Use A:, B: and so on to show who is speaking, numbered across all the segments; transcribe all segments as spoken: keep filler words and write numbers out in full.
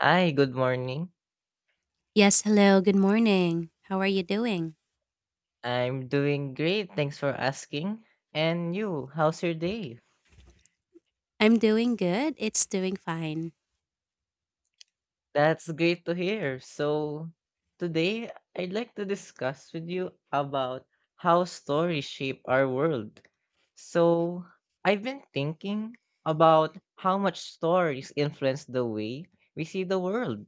A: Hi, good morning.
B: Yes, hello, good morning. How are you doing?
A: I'm doing great. Thanks for asking. And you, how's your day?
B: I'm doing good. It's doing fine.
A: That's great to hear. So, today I'd like to discuss with you about how stories shape our world. So, I've been thinking about how much stories influence the way we see the world.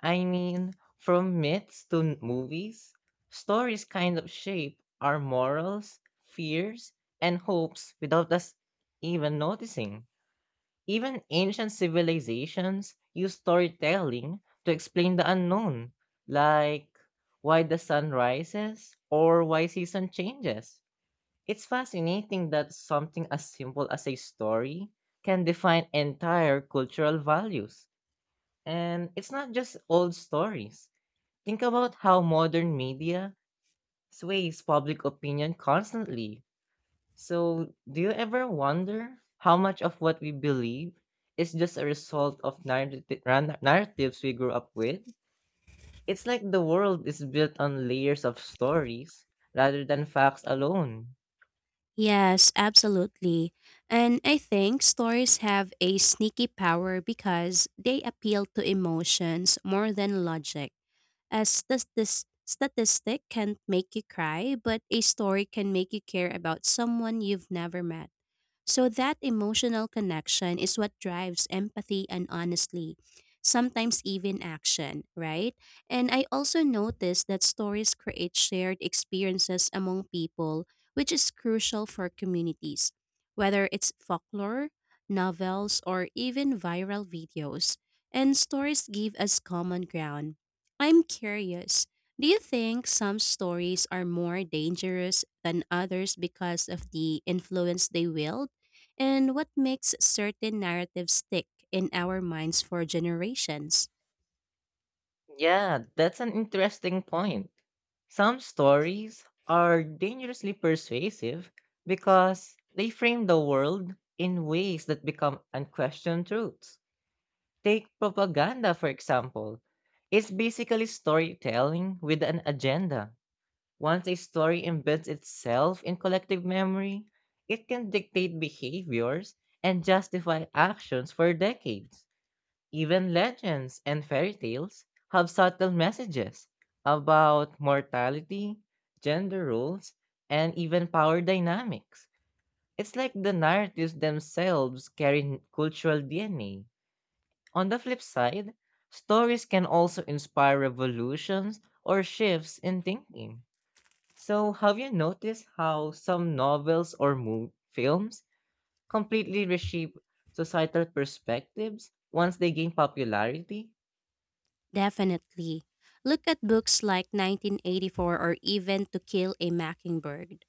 A: I mean, from myths to n- movies, stories kind of shape our morals, fears, and hopes without us even noticing. Even ancient civilizations used storytelling to explain the unknown, like why the sun rises or why season changes. It's fascinating that something as simple as a story can define entire cultural values. And it's not just old stories. Think about how modern media sways public opinion constantly. So, do you ever wonder how much of what we believe is just a result of narrati- ran- narratives we grew up with? It's like the world is built on layers of stories rather than facts alone.
B: Yes, absolutely. And I think stories have a sneaky power because they appeal to emotions more than logic. A stas- this statistic can make you cry, but a story can make you care about someone you've never met. So that emotional connection is what drives empathy and, honestly, sometimes even action, right? And I also noticed that stories create shared experiences among people, which is crucial for communities, whether it's folklore, novels, or even viral videos. And stories give us common ground. I'm curious. Do you think some stories are more dangerous than others because of the influence they wield? And what makes certain narratives stick in our minds for generations?
A: Yeah, that's an interesting point. Some stories are dangerously persuasive because they frame the world in ways that become unquestioned truths. Take propaganda, for example. It's basically storytelling with an agenda. Once a story embeds itself in collective memory, it can dictate behaviors and justify actions for decades. Even legends and fairy tales have subtle messages about mortality, gender roles, and even power dynamics. It's like the narratives themselves carry n- cultural D N A. On the flip side, stories can also inspire revolutions or shifts in thinking. So, have you noticed how some novels or mo- films completely reshape societal perspectives once they gain popularity?
B: Definitely. Look at books like nineteen eighty-four or even To Kill a Mockingbird.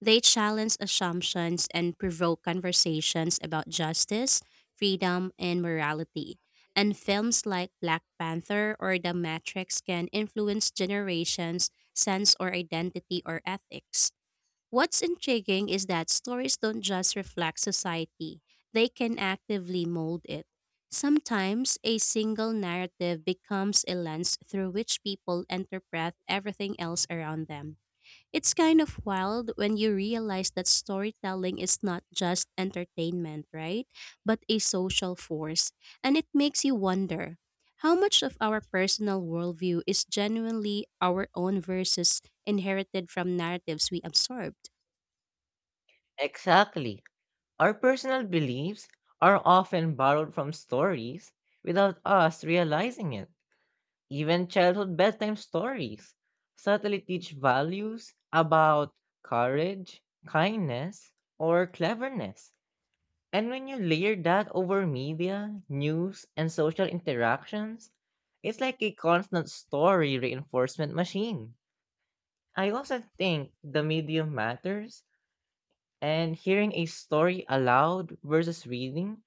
B: They challenge assumptions and provoke conversations about justice, freedom, and morality. And films like Black Panther or The Matrix can influence generations' sense or identity or ethics. What's intriguing is that stories don't just reflect society, they can actively mold it. Sometimes a single narrative becomes a lens through which people interpret everything else around them. It's kind of wild when you realize that storytelling is not just entertainment, right? But a social force. And it makes you wonder how much of our personal worldview is genuinely our own versus inherited from narratives we absorbed?
A: Exactly. Our personal beliefs are often borrowed from stories without us realizing it. Even childhood bedtime stories subtly teach values about courage, kindness, or cleverness. And when you layer that over media, news, and social interactions, it's like a constant story reinforcement machine. I also think the medium matters, and hearing a story aloud versus reading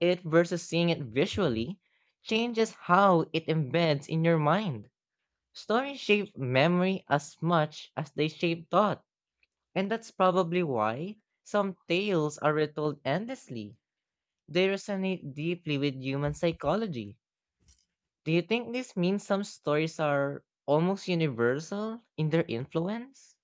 A: it versus seeing it visually changes how it embeds in your mind. Stories shape memory as much as they shape thought, and that's probably why some tales are retold endlessly. They resonate deeply with human psychology. Do you think this means some stories are almost universal in their influence?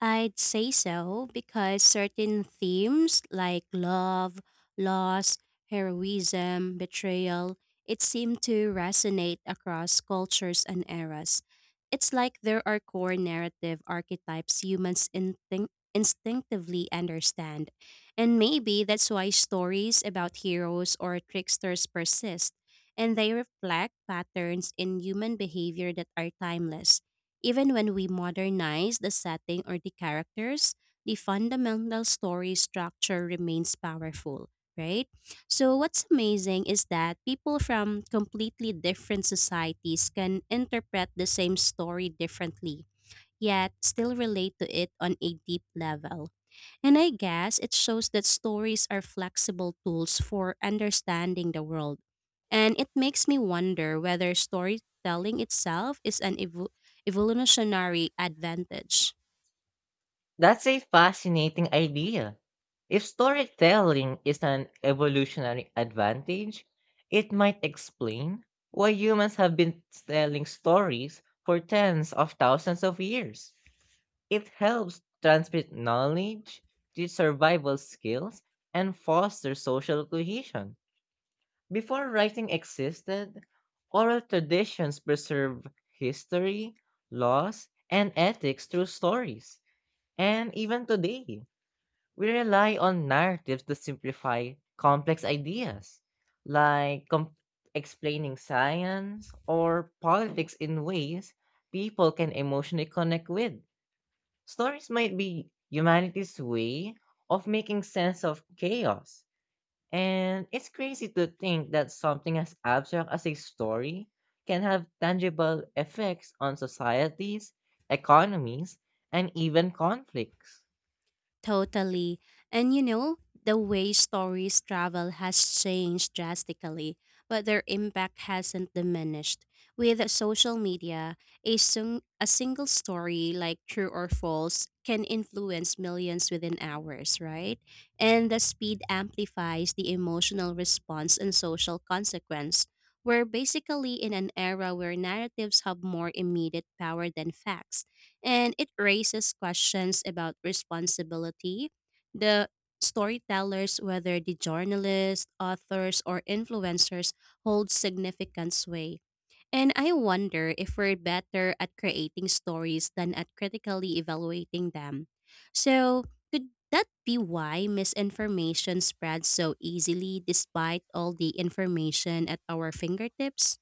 B: I'd say so, because certain themes like love, loss, heroism, betrayal, it seemed to resonate across cultures and eras. It's like there are core narrative archetypes humans instinct- instinctively understand. And maybe that's why stories about heroes or tricksters persist, and they reflect patterns in human behavior that are timeless. Even when we modernize the setting or the characters, the fundamental story structure remains powerful, right? So, what's amazing is that people from completely different societies can interpret the same story differently, yet still relate to it on a deep level. And I guess it shows that stories are flexible tools for understanding the world. And it makes me wonder whether storytelling itself is an evo- evolutionary advantage.
A: That's a fascinating idea. If storytelling is an evolutionary advantage, it might explain why humans have been telling stories for tens of thousands of years. It helps transmit knowledge, teach survival skills, and foster social cohesion. Before writing existed, oral traditions preserve history, laws, and ethics through stories. And even today, we rely on narratives to simplify complex ideas, like com- explaining science or politics in ways people can emotionally connect with. Stories might be humanity's way of making sense of chaos. And it's crazy to think that something as abstract as a story can have tangible effects on societies, economies, and even conflicts.
B: Totally. And, you know, the way stories travel has changed drastically, but their impact hasn't diminished. With social media, a, sing- a single story, like true or false, can influence millions within hours, right? And the speed amplifies the emotional response and social consequence. We're basically in an era where narratives have more immediate power than facts, and it raises questions about responsibility. The storytellers, whether the journalists, authors, or influencers, hold significant sway. And I wonder if we're better at creating stories than at critically evaluating them. So, could that be why misinformation spreads so easily despite all the information at our fingertips?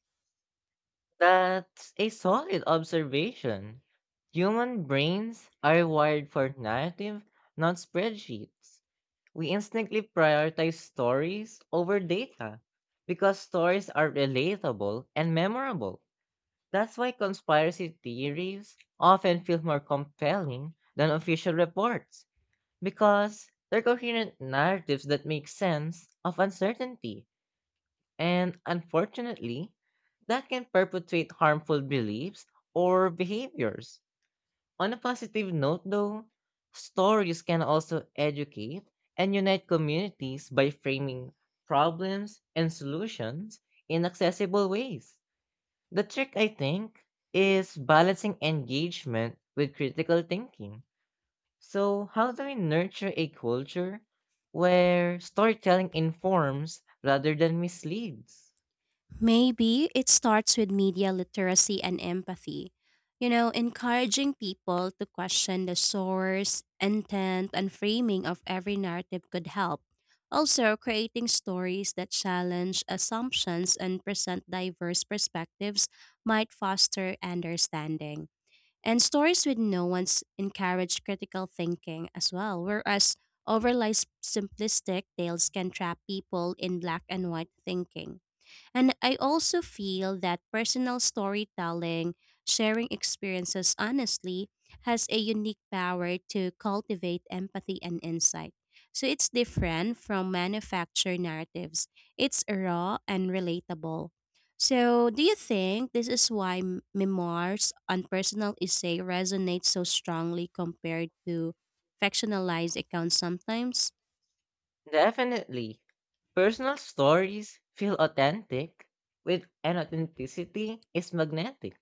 A: That's a solid observation. Human brains are wired for narrative, not spreadsheets. We instantly prioritize stories over data because stories are relatable and memorable. That's why conspiracy theories often feel more compelling than official reports because they're coherent narratives that make sense of uncertainty. And unfortunately, that can perpetuate harmful beliefs or behaviors. On a positive note, though, stories can also educate and unite communities by framing problems and solutions in accessible ways. The trick, I think, is balancing engagement with critical thinking. So, how do we nurture a culture where storytelling informs rather than misleads?
B: Maybe it starts with media literacy and empathy. You know, encouraging people to question the source, intent, and framing of every narrative could help. Also, creating stories that challenge assumptions and present diverse perspectives might foster understanding. And stories with nuance encourage critical thinking as well, whereas overly simplistic tales can trap people in black and white thinking. And I also feel that personal storytelling, sharing experiences honestly, has a unique power to cultivate empathy and insight. So it's different from manufactured narratives. It's raw and relatable. So, do you think this is why m- memoirs and personal essay resonate so strongly compared to fictionalized accounts sometimes?
A: Definitely. Personal stories feel authentic, with and authenticity is magnetic.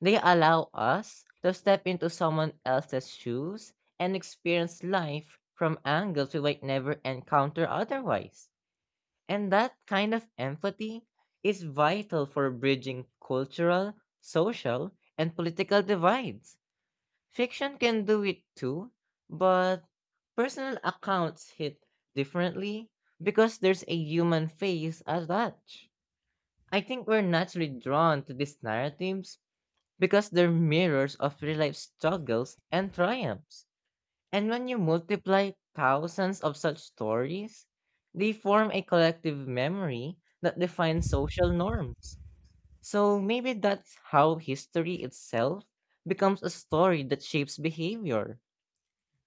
A: They allow us to step into someone else's shoes and experience life from angles we might never encounter otherwise. And that kind of empathy is vital for bridging cultural, social, and political divides. Fiction can do it too, but personal accounts hit differently because there's a human face attached. I think we're naturally drawn to these narratives because they're mirrors of real life struggles and triumphs. And when you multiply thousands of such stories, they form a collective memory that defines social norms. So maybe that's how history itself becomes a story that shapes behavior.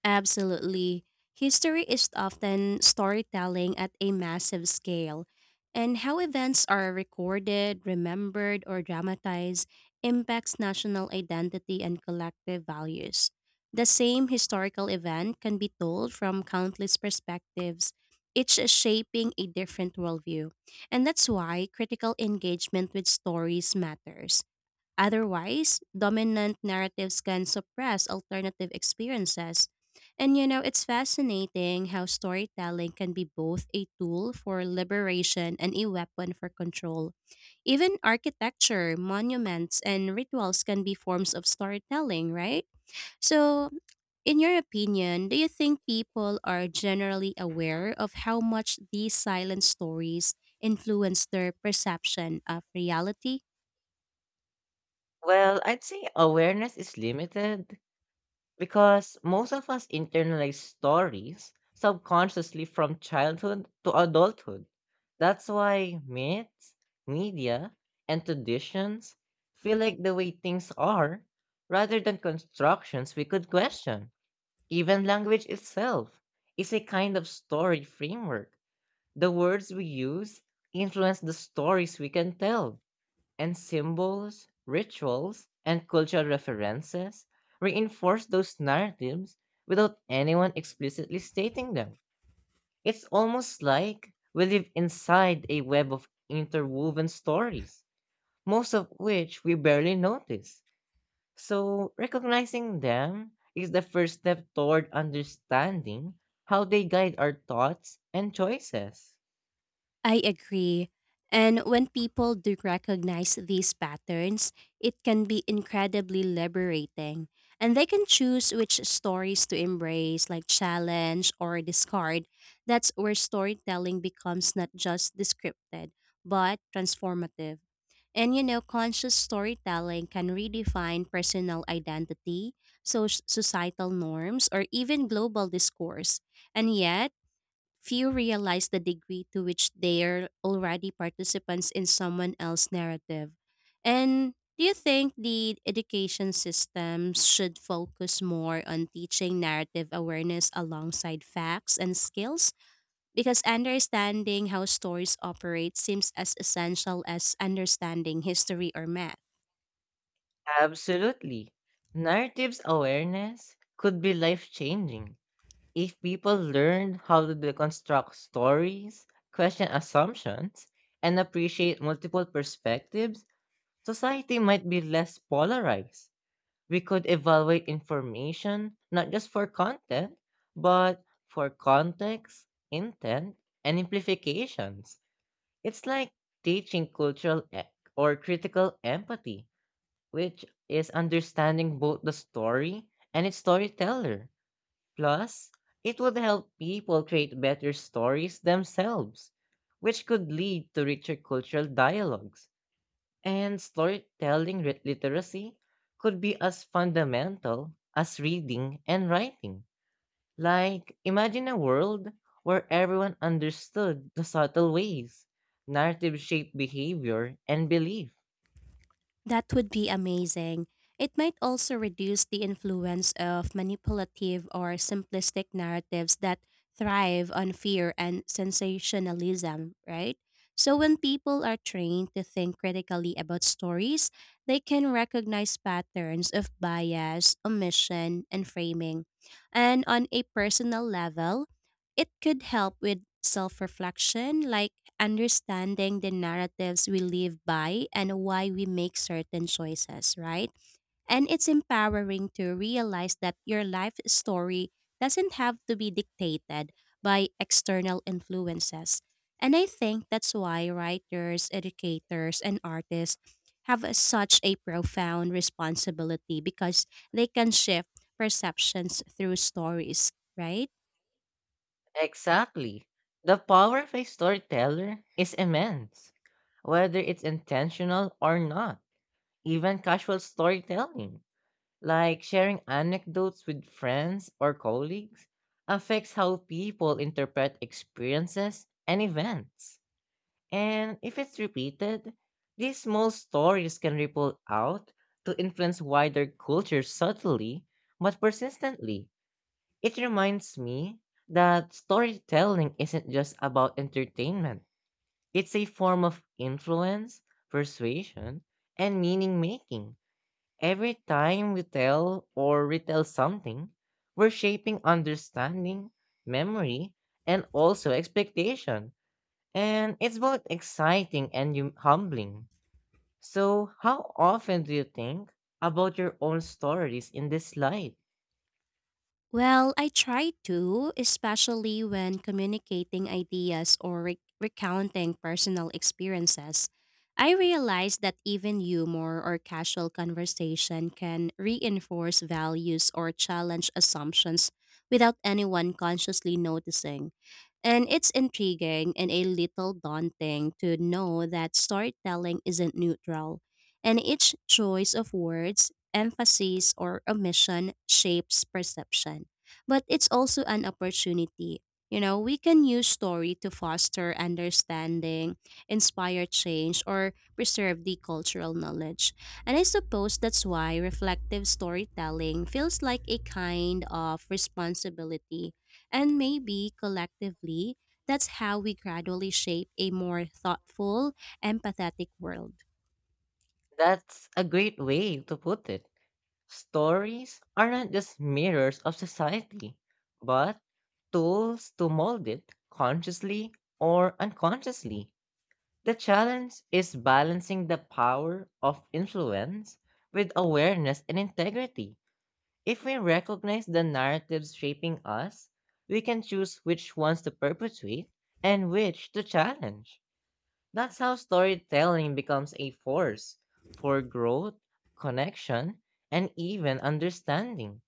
B: Absolutely. History is often storytelling at a massive scale, and how events are recorded, remembered, or dramatized impacts national identity and collective values. The same historical event can be told from countless perspectives, each shaping a different worldview. And that's why critical engagement with stories matters. Otherwise, dominant narratives can suppress alternative experiences. And, you know, it's fascinating how storytelling can be both a tool for liberation and a weapon for control. Even architecture, monuments, and rituals can be forms of storytelling, right? So, in your opinion, do you think people are generally aware of how much these silent stories influence their perception of reality?
A: Well, I'd say awareness is limited because most of us internalize stories subconsciously from childhood to adulthood. That's why myths, media, and traditions feel like the way things are rather than constructions we could question. Even language itself is a kind of story framework. The words we use influence the stories we can tell, and symbols, rituals, and cultural references reinforce those narratives without anyone explicitly stating them. It's almost like we live inside a web of interwoven stories, most of which we barely notice. So, recognizing them is the first step toward understanding how they guide our thoughts and choices.
B: I agree. And when people do recognize these patterns, it can be incredibly liberating. And they can choose which stories to embrace, like challenge or discard. That's where storytelling becomes not just descriptive, but transformative. And, you know, conscious storytelling can redefine personal identity, so societal norms, or even global discourse. And yet, few realize the degree to which they're already participants in someone else's narrative. And do you think the education systems should focus more on teaching narrative awareness alongside facts and skills? Because understanding how stories operate seems as essential as understanding history or math.
A: Absolutely. Narratives awareness could be life changing. If people learned how to deconstruct stories, question assumptions, and appreciate multiple perspectives, society might be less polarized. We could evaluate information not just for content, but for context, intent, and implications. It's like teaching cultural e- or critical empathy, which is understanding both the story and its storyteller. Plus, it would help people create better stories themselves, which could lead to richer cultural dialogues. And storytelling lit- literacy could be as fundamental as reading and writing. Like, imagine a world where everyone understood the subtle ways narrative shaped behavior and belief.
B: That would be amazing. It might also reduce the influence of manipulative or simplistic narratives that thrive on fear and sensationalism, right? So, when people are trained to think critically about stories, they can recognize patterns of bias, omission, and framing. And on a personal level, it could help with self reflection, like understanding the narratives we live by and why we make certain choices, right? And it's empowering to realize that your life story doesn't have to be dictated by external influences. And I think that's why writers, educators, and artists have a- such a profound responsibility, because they can shift perceptions through stories, right?
A: Exactly. The power of a storyteller is immense, whether it's intentional or not. Even casual storytelling, like sharing anecdotes with friends or colleagues, affects how people interpret experiences and events. And if it's repeated, these small stories can ripple out to influence wider culture subtly but persistently. It reminds me that storytelling isn't just about entertainment, it's a form of influence, persuasion, and meaning making. Every time we tell or retell something, we're shaping understanding, memory, and also expectation. And it's both exciting and hum- humbling. So, how often do you think about your own stories in this light?
B: Well, I try to, especially when communicating ideas or re- recounting personal experiences. I realize that even humor or casual conversation can reinforce values or challenge assumptions without anyone consciously noticing. And it's intriguing and a little daunting to know that storytelling isn't neutral, and each choice of words, emphasis, or omission shapes perception, but it's also an opportunity. You know, we can use story to foster understanding, inspire change, or preserve the cultural knowledge. And I suppose that's why reflective storytelling feels like a kind of responsibility. And maybe collectively, that's how we gradually shape a more thoughtful, empathetic world.
A: That's a great way to put it. Stories are not just mirrors of society, but tools to mold it consciously or unconsciously. The challenge is balancing the power of influence with awareness and integrity. If we recognize the narratives shaping us, we can choose which ones to perpetuate and which to challenge. That's how storytelling becomes a force for growth, connection, and even understanding.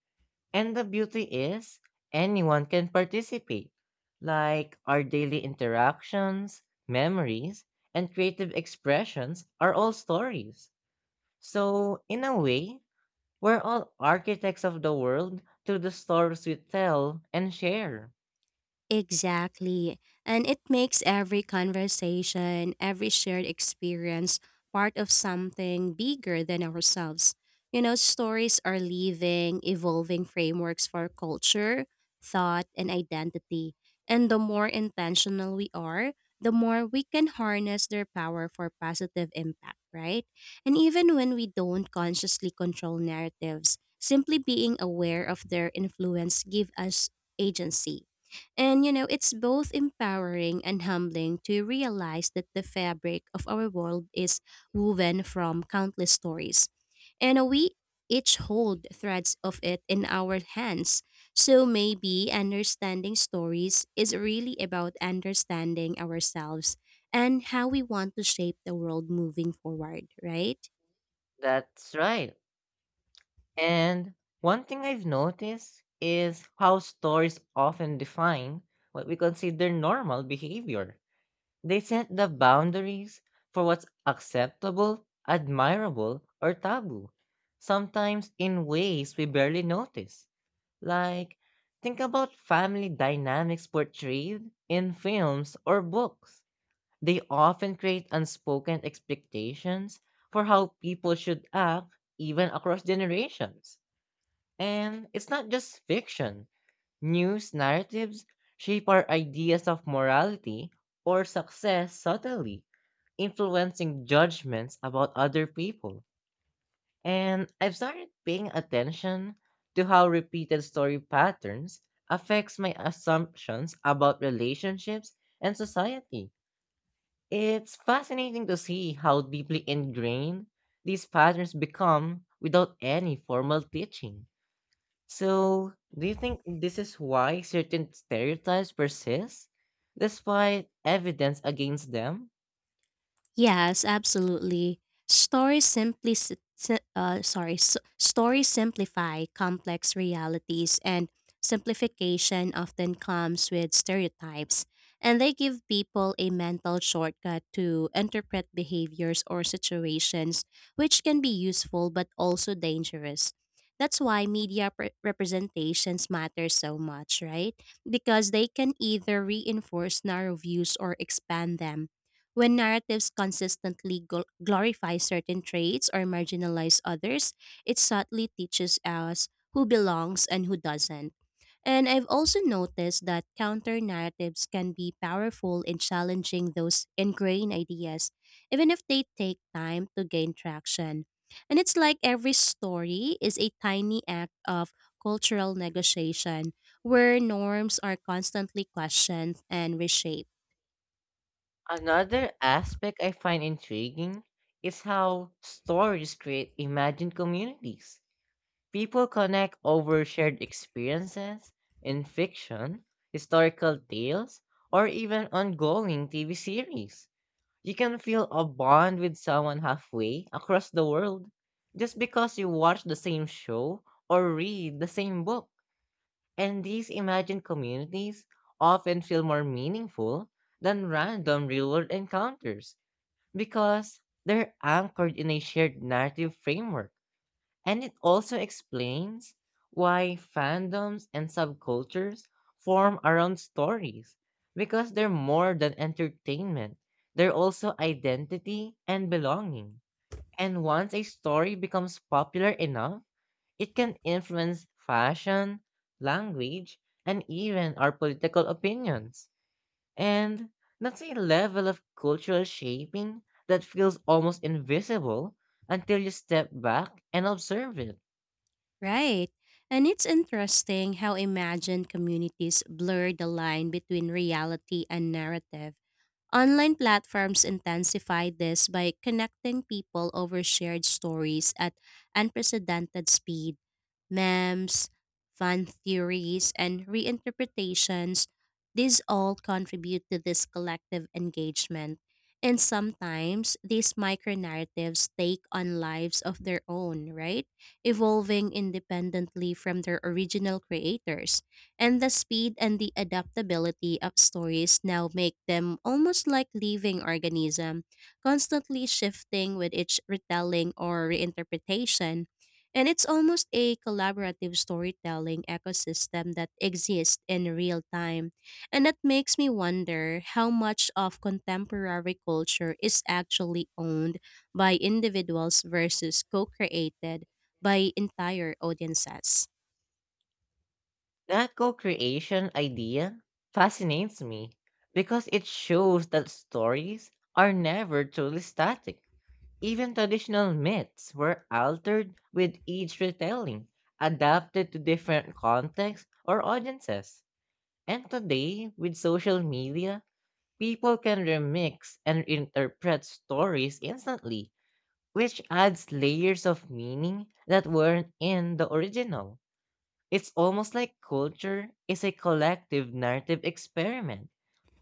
A: And the beauty is, anyone can participate, like our daily interactions, memories, and creative expressions are all stories. So, in a way, we're all architects of the world through the stories we tell and share.
B: Exactly. And it makes every conversation, every shared experience part of something bigger than ourselves. You know, stories are living, evolving frameworks for culture, thought, and identity. And the more intentional we are, the more we can harness their power for positive impact, right? And even when we don't consciously control narratives, simply being aware of their influence give us agency. And, you know, it's both empowering and humbling to realize that the fabric of our world is woven from countless stories. And we each hold threads of it in our hands. So maybe understanding stories is really about understanding ourselves and how we want to shape the world moving forward, right?
A: That's right. And one thing I've noticed is how stories often define what we consider normal behavior. They set the boundaries for what's acceptable, admirable, or taboo, sometimes in ways we barely notice. Like, think about family dynamics portrayed in films or books. They often create unspoken expectations for how people should act, even across generations. And it's not just fiction. News narratives shape our ideas of morality or success subtly, influencing judgments about other people. And I've started paying attention to how repeated story patterns affects my assumptions about relationships and society. It's fascinating to see how deeply ingrained these patterns become without any formal teaching. So, do you think this is why certain stereotypes persist, despite evidence against them?
B: Yes, absolutely. Stories simply s- s- uh, sorry, s- stories simplify complex realities, and simplification often comes with stereotypes, and they give people a mental shortcut to interpret behaviors or situations, which can be useful but also dangerous. That's why media pre- representations matter so much, right? Because they can either reinforce narrow views or expand them. When narratives consistently gl- glorify certain traits or marginalize others, it subtly teaches us who belongs and who doesn't. And I've also noticed that counter narratives can be powerful in challenging those ingrained ideas, even if they take time to gain traction. And it's like every story is a tiny act of cultural negotiation, where norms are constantly questioned and reshaped.
A: Another aspect I find intriguing is how stories create imagined communities. People connect over shared experiences in fiction, historical tales, or even ongoing T V series. You can feel a bond with someone halfway across the world just because you watch the same show or read the same book. And these imagined communities often feel more meaningful than random real world encounters because they're anchored in a shared narrative framework. And it also explains why fandoms and subcultures form around stories, because they're more than entertainment, they're also identity and belonging. And once a story becomes popular enough, it can influence fashion, language, and even our political opinions. And that's a level of cultural shaping that feels almost invisible until you step back and observe it.
B: Right. And it's interesting how imagined communities blur the line between reality and narrative. Online platforms intensify this by connecting people over shared stories at unprecedented speed. Memes, fan theories, and reinterpretations, these all contribute to this collective engagement. And sometimes these micro narratives take on lives of their own, right? Evolving independently from their original creators. And the speed and the adaptability of stories now make them almost like living organism, constantly shifting with each retelling or reinterpretation. And it's almost a collaborative storytelling ecosystem that exists in real time. And that makes me wonder how much of contemporary culture is actually owned by individuals versus co created by entire audiences.
A: That co-creation idea fascinates me because it shows that stories are never truly static. Even traditional myths were altered with each retelling, adapted to different contexts or audiences. And today, with social media, people can remix and interpret stories instantly, which adds layers of meaning that weren't in the original. It's almost like culture is a collective narrative experiment,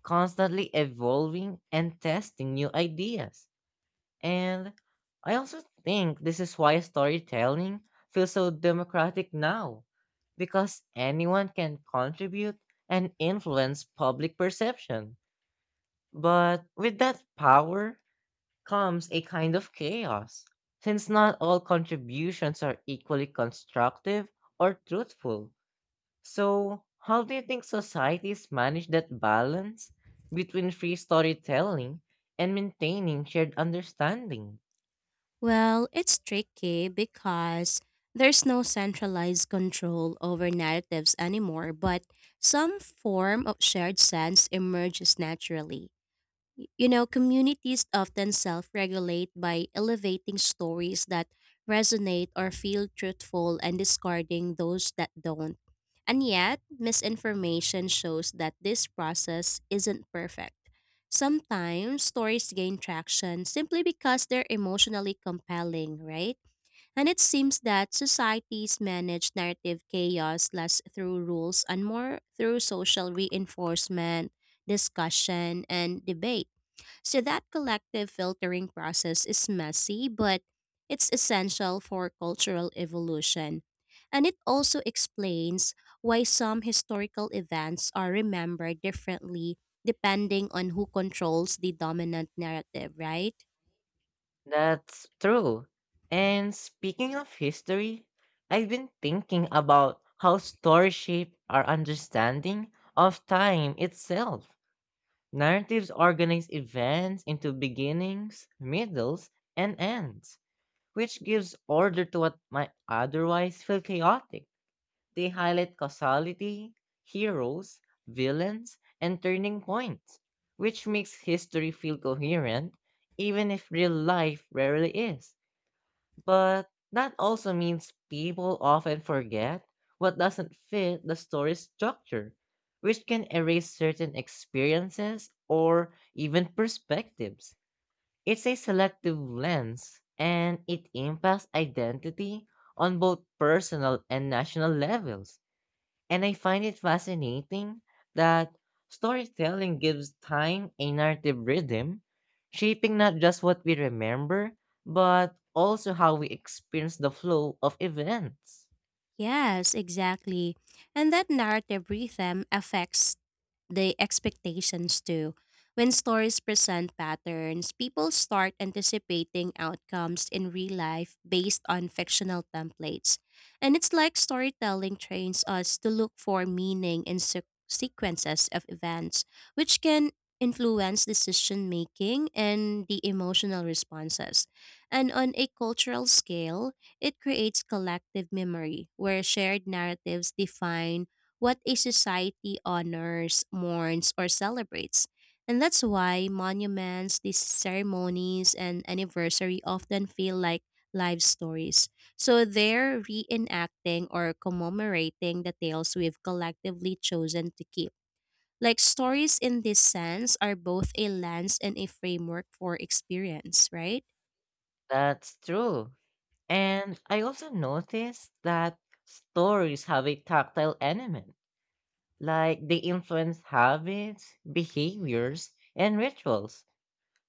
A: constantly evolving and testing new ideas. And I also think this is why storytelling feels so democratic now, because anyone can contribute and influence public perception. But with that power comes a kind of chaos, since not all contributions are equally constructive or truthful. So, how do you think societies manage that balance between free storytelling and maintaining shared understanding?
B: Well, it's tricky because there's no centralized control over narratives anymore, but some form of shared sense emerges naturally. You know, communities often self regulate by elevating stories that resonate or feel truthful and discarding those that don't. And yet, misinformation shows that this process isn't perfect. Sometimes stories gain traction simply because they're emotionally compelling, right? And it seems that societies manage narrative chaos less through rules and more through social reinforcement, discussion, and debate. So that collective filtering process is messy, but it's essential for cultural evolution. And it also explains why some historical events are remembered differently depending on who controls the dominant narrative, right?
A: That's true. And speaking of history, I've been thinking about how stories shape our understanding of time itself. Narratives organize events into beginnings, middles, and ends, which gives order to what might otherwise feel chaotic. They highlight causality, heroes, villains, and turning points, which makes history feel coherent, even if real life rarely is. But that also means people often forget what doesn't fit the story structure, which can erase certain experiences or even perspectives. It's a selective lens, and it impacts identity on both personal and national levels. And I find it fascinating that storytelling gives time a narrative rhythm, shaping not just what we remember, but also how we experience the flow of events.
B: Yes, exactly. And that narrative rhythm affects the expectations too. When stories present patterns, people start anticipating outcomes in real life based on fictional templates. And it's like storytelling trains us to look for meaning in se- sequences of events, which can influence decision making and the emotional responses. And on a cultural scale, it creates collective memory, where shared narratives define what a society honors, mourns, or celebrates. And that's why monuments, these ceremonies, and anniversary often feel like live stories. So they're reenacting or commemorating the tales we've collectively chosen to keep. Like stories in this sense are both a lens and a framework for experience, right?
A: That's true. And I also noticed that stories have a tactile element, like they influence habits, behaviors, and rituals.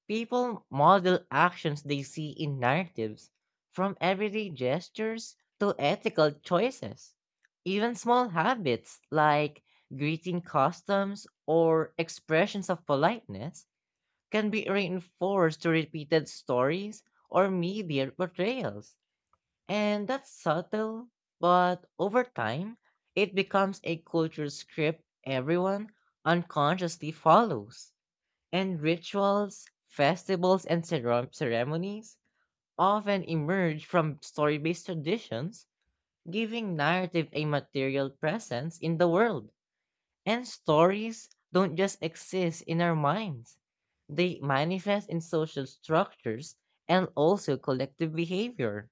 A: People model actions they see in narratives, from everyday gestures to ethical choices. Even small habits like greeting customs or expressions of politeness can be reinforced through repeated stories or media portrayals. And that's subtle, but over time, it becomes a culture script everyone unconsciously follows. And rituals, festivals, and cere- ceremonies often emerge from story based traditions, giving narrative a material presence in the world. And stories don't just exist in our minds, they manifest in social structures and also collective behavior.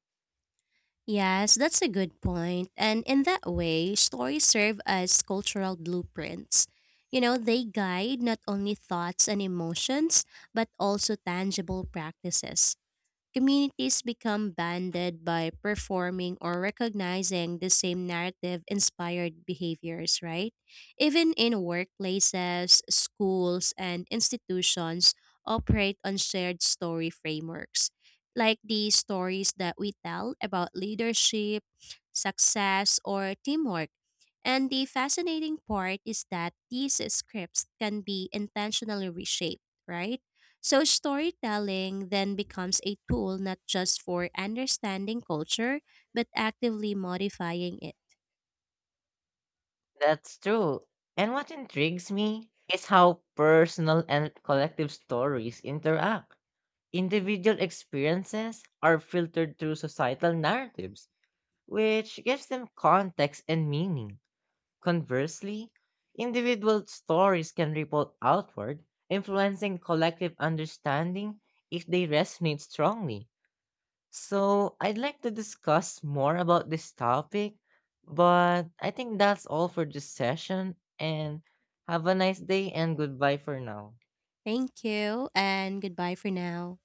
B: Yes, that's a good point. And in that way, stories serve as cultural blueprints. You know, they guide not only thoughts and emotions, but also tangible practices. Communities become banded by performing or recognizing the same narrative inspired behaviors, right? Even in workplaces, schools, and institutions operate on shared story frameworks, like the stories that we tell about leadership, success, or teamwork. And the fascinating part is that these scripts can be intentionally reshaped, right? So, storytelling then becomes a tool not just for understanding culture, but actively modifying it.
A: That's true. And what intrigues me is how personal and collective stories interact. Individual experiences are filtered through societal narratives, which gives them context and meaning. Conversely, individual stories can ripple outward, influencing collective understanding if they resonate strongly. So, I'd like to discuss more about this topic, but I think that's all for this session, and have a nice day and goodbye for now.
B: Thank you, and goodbye for now.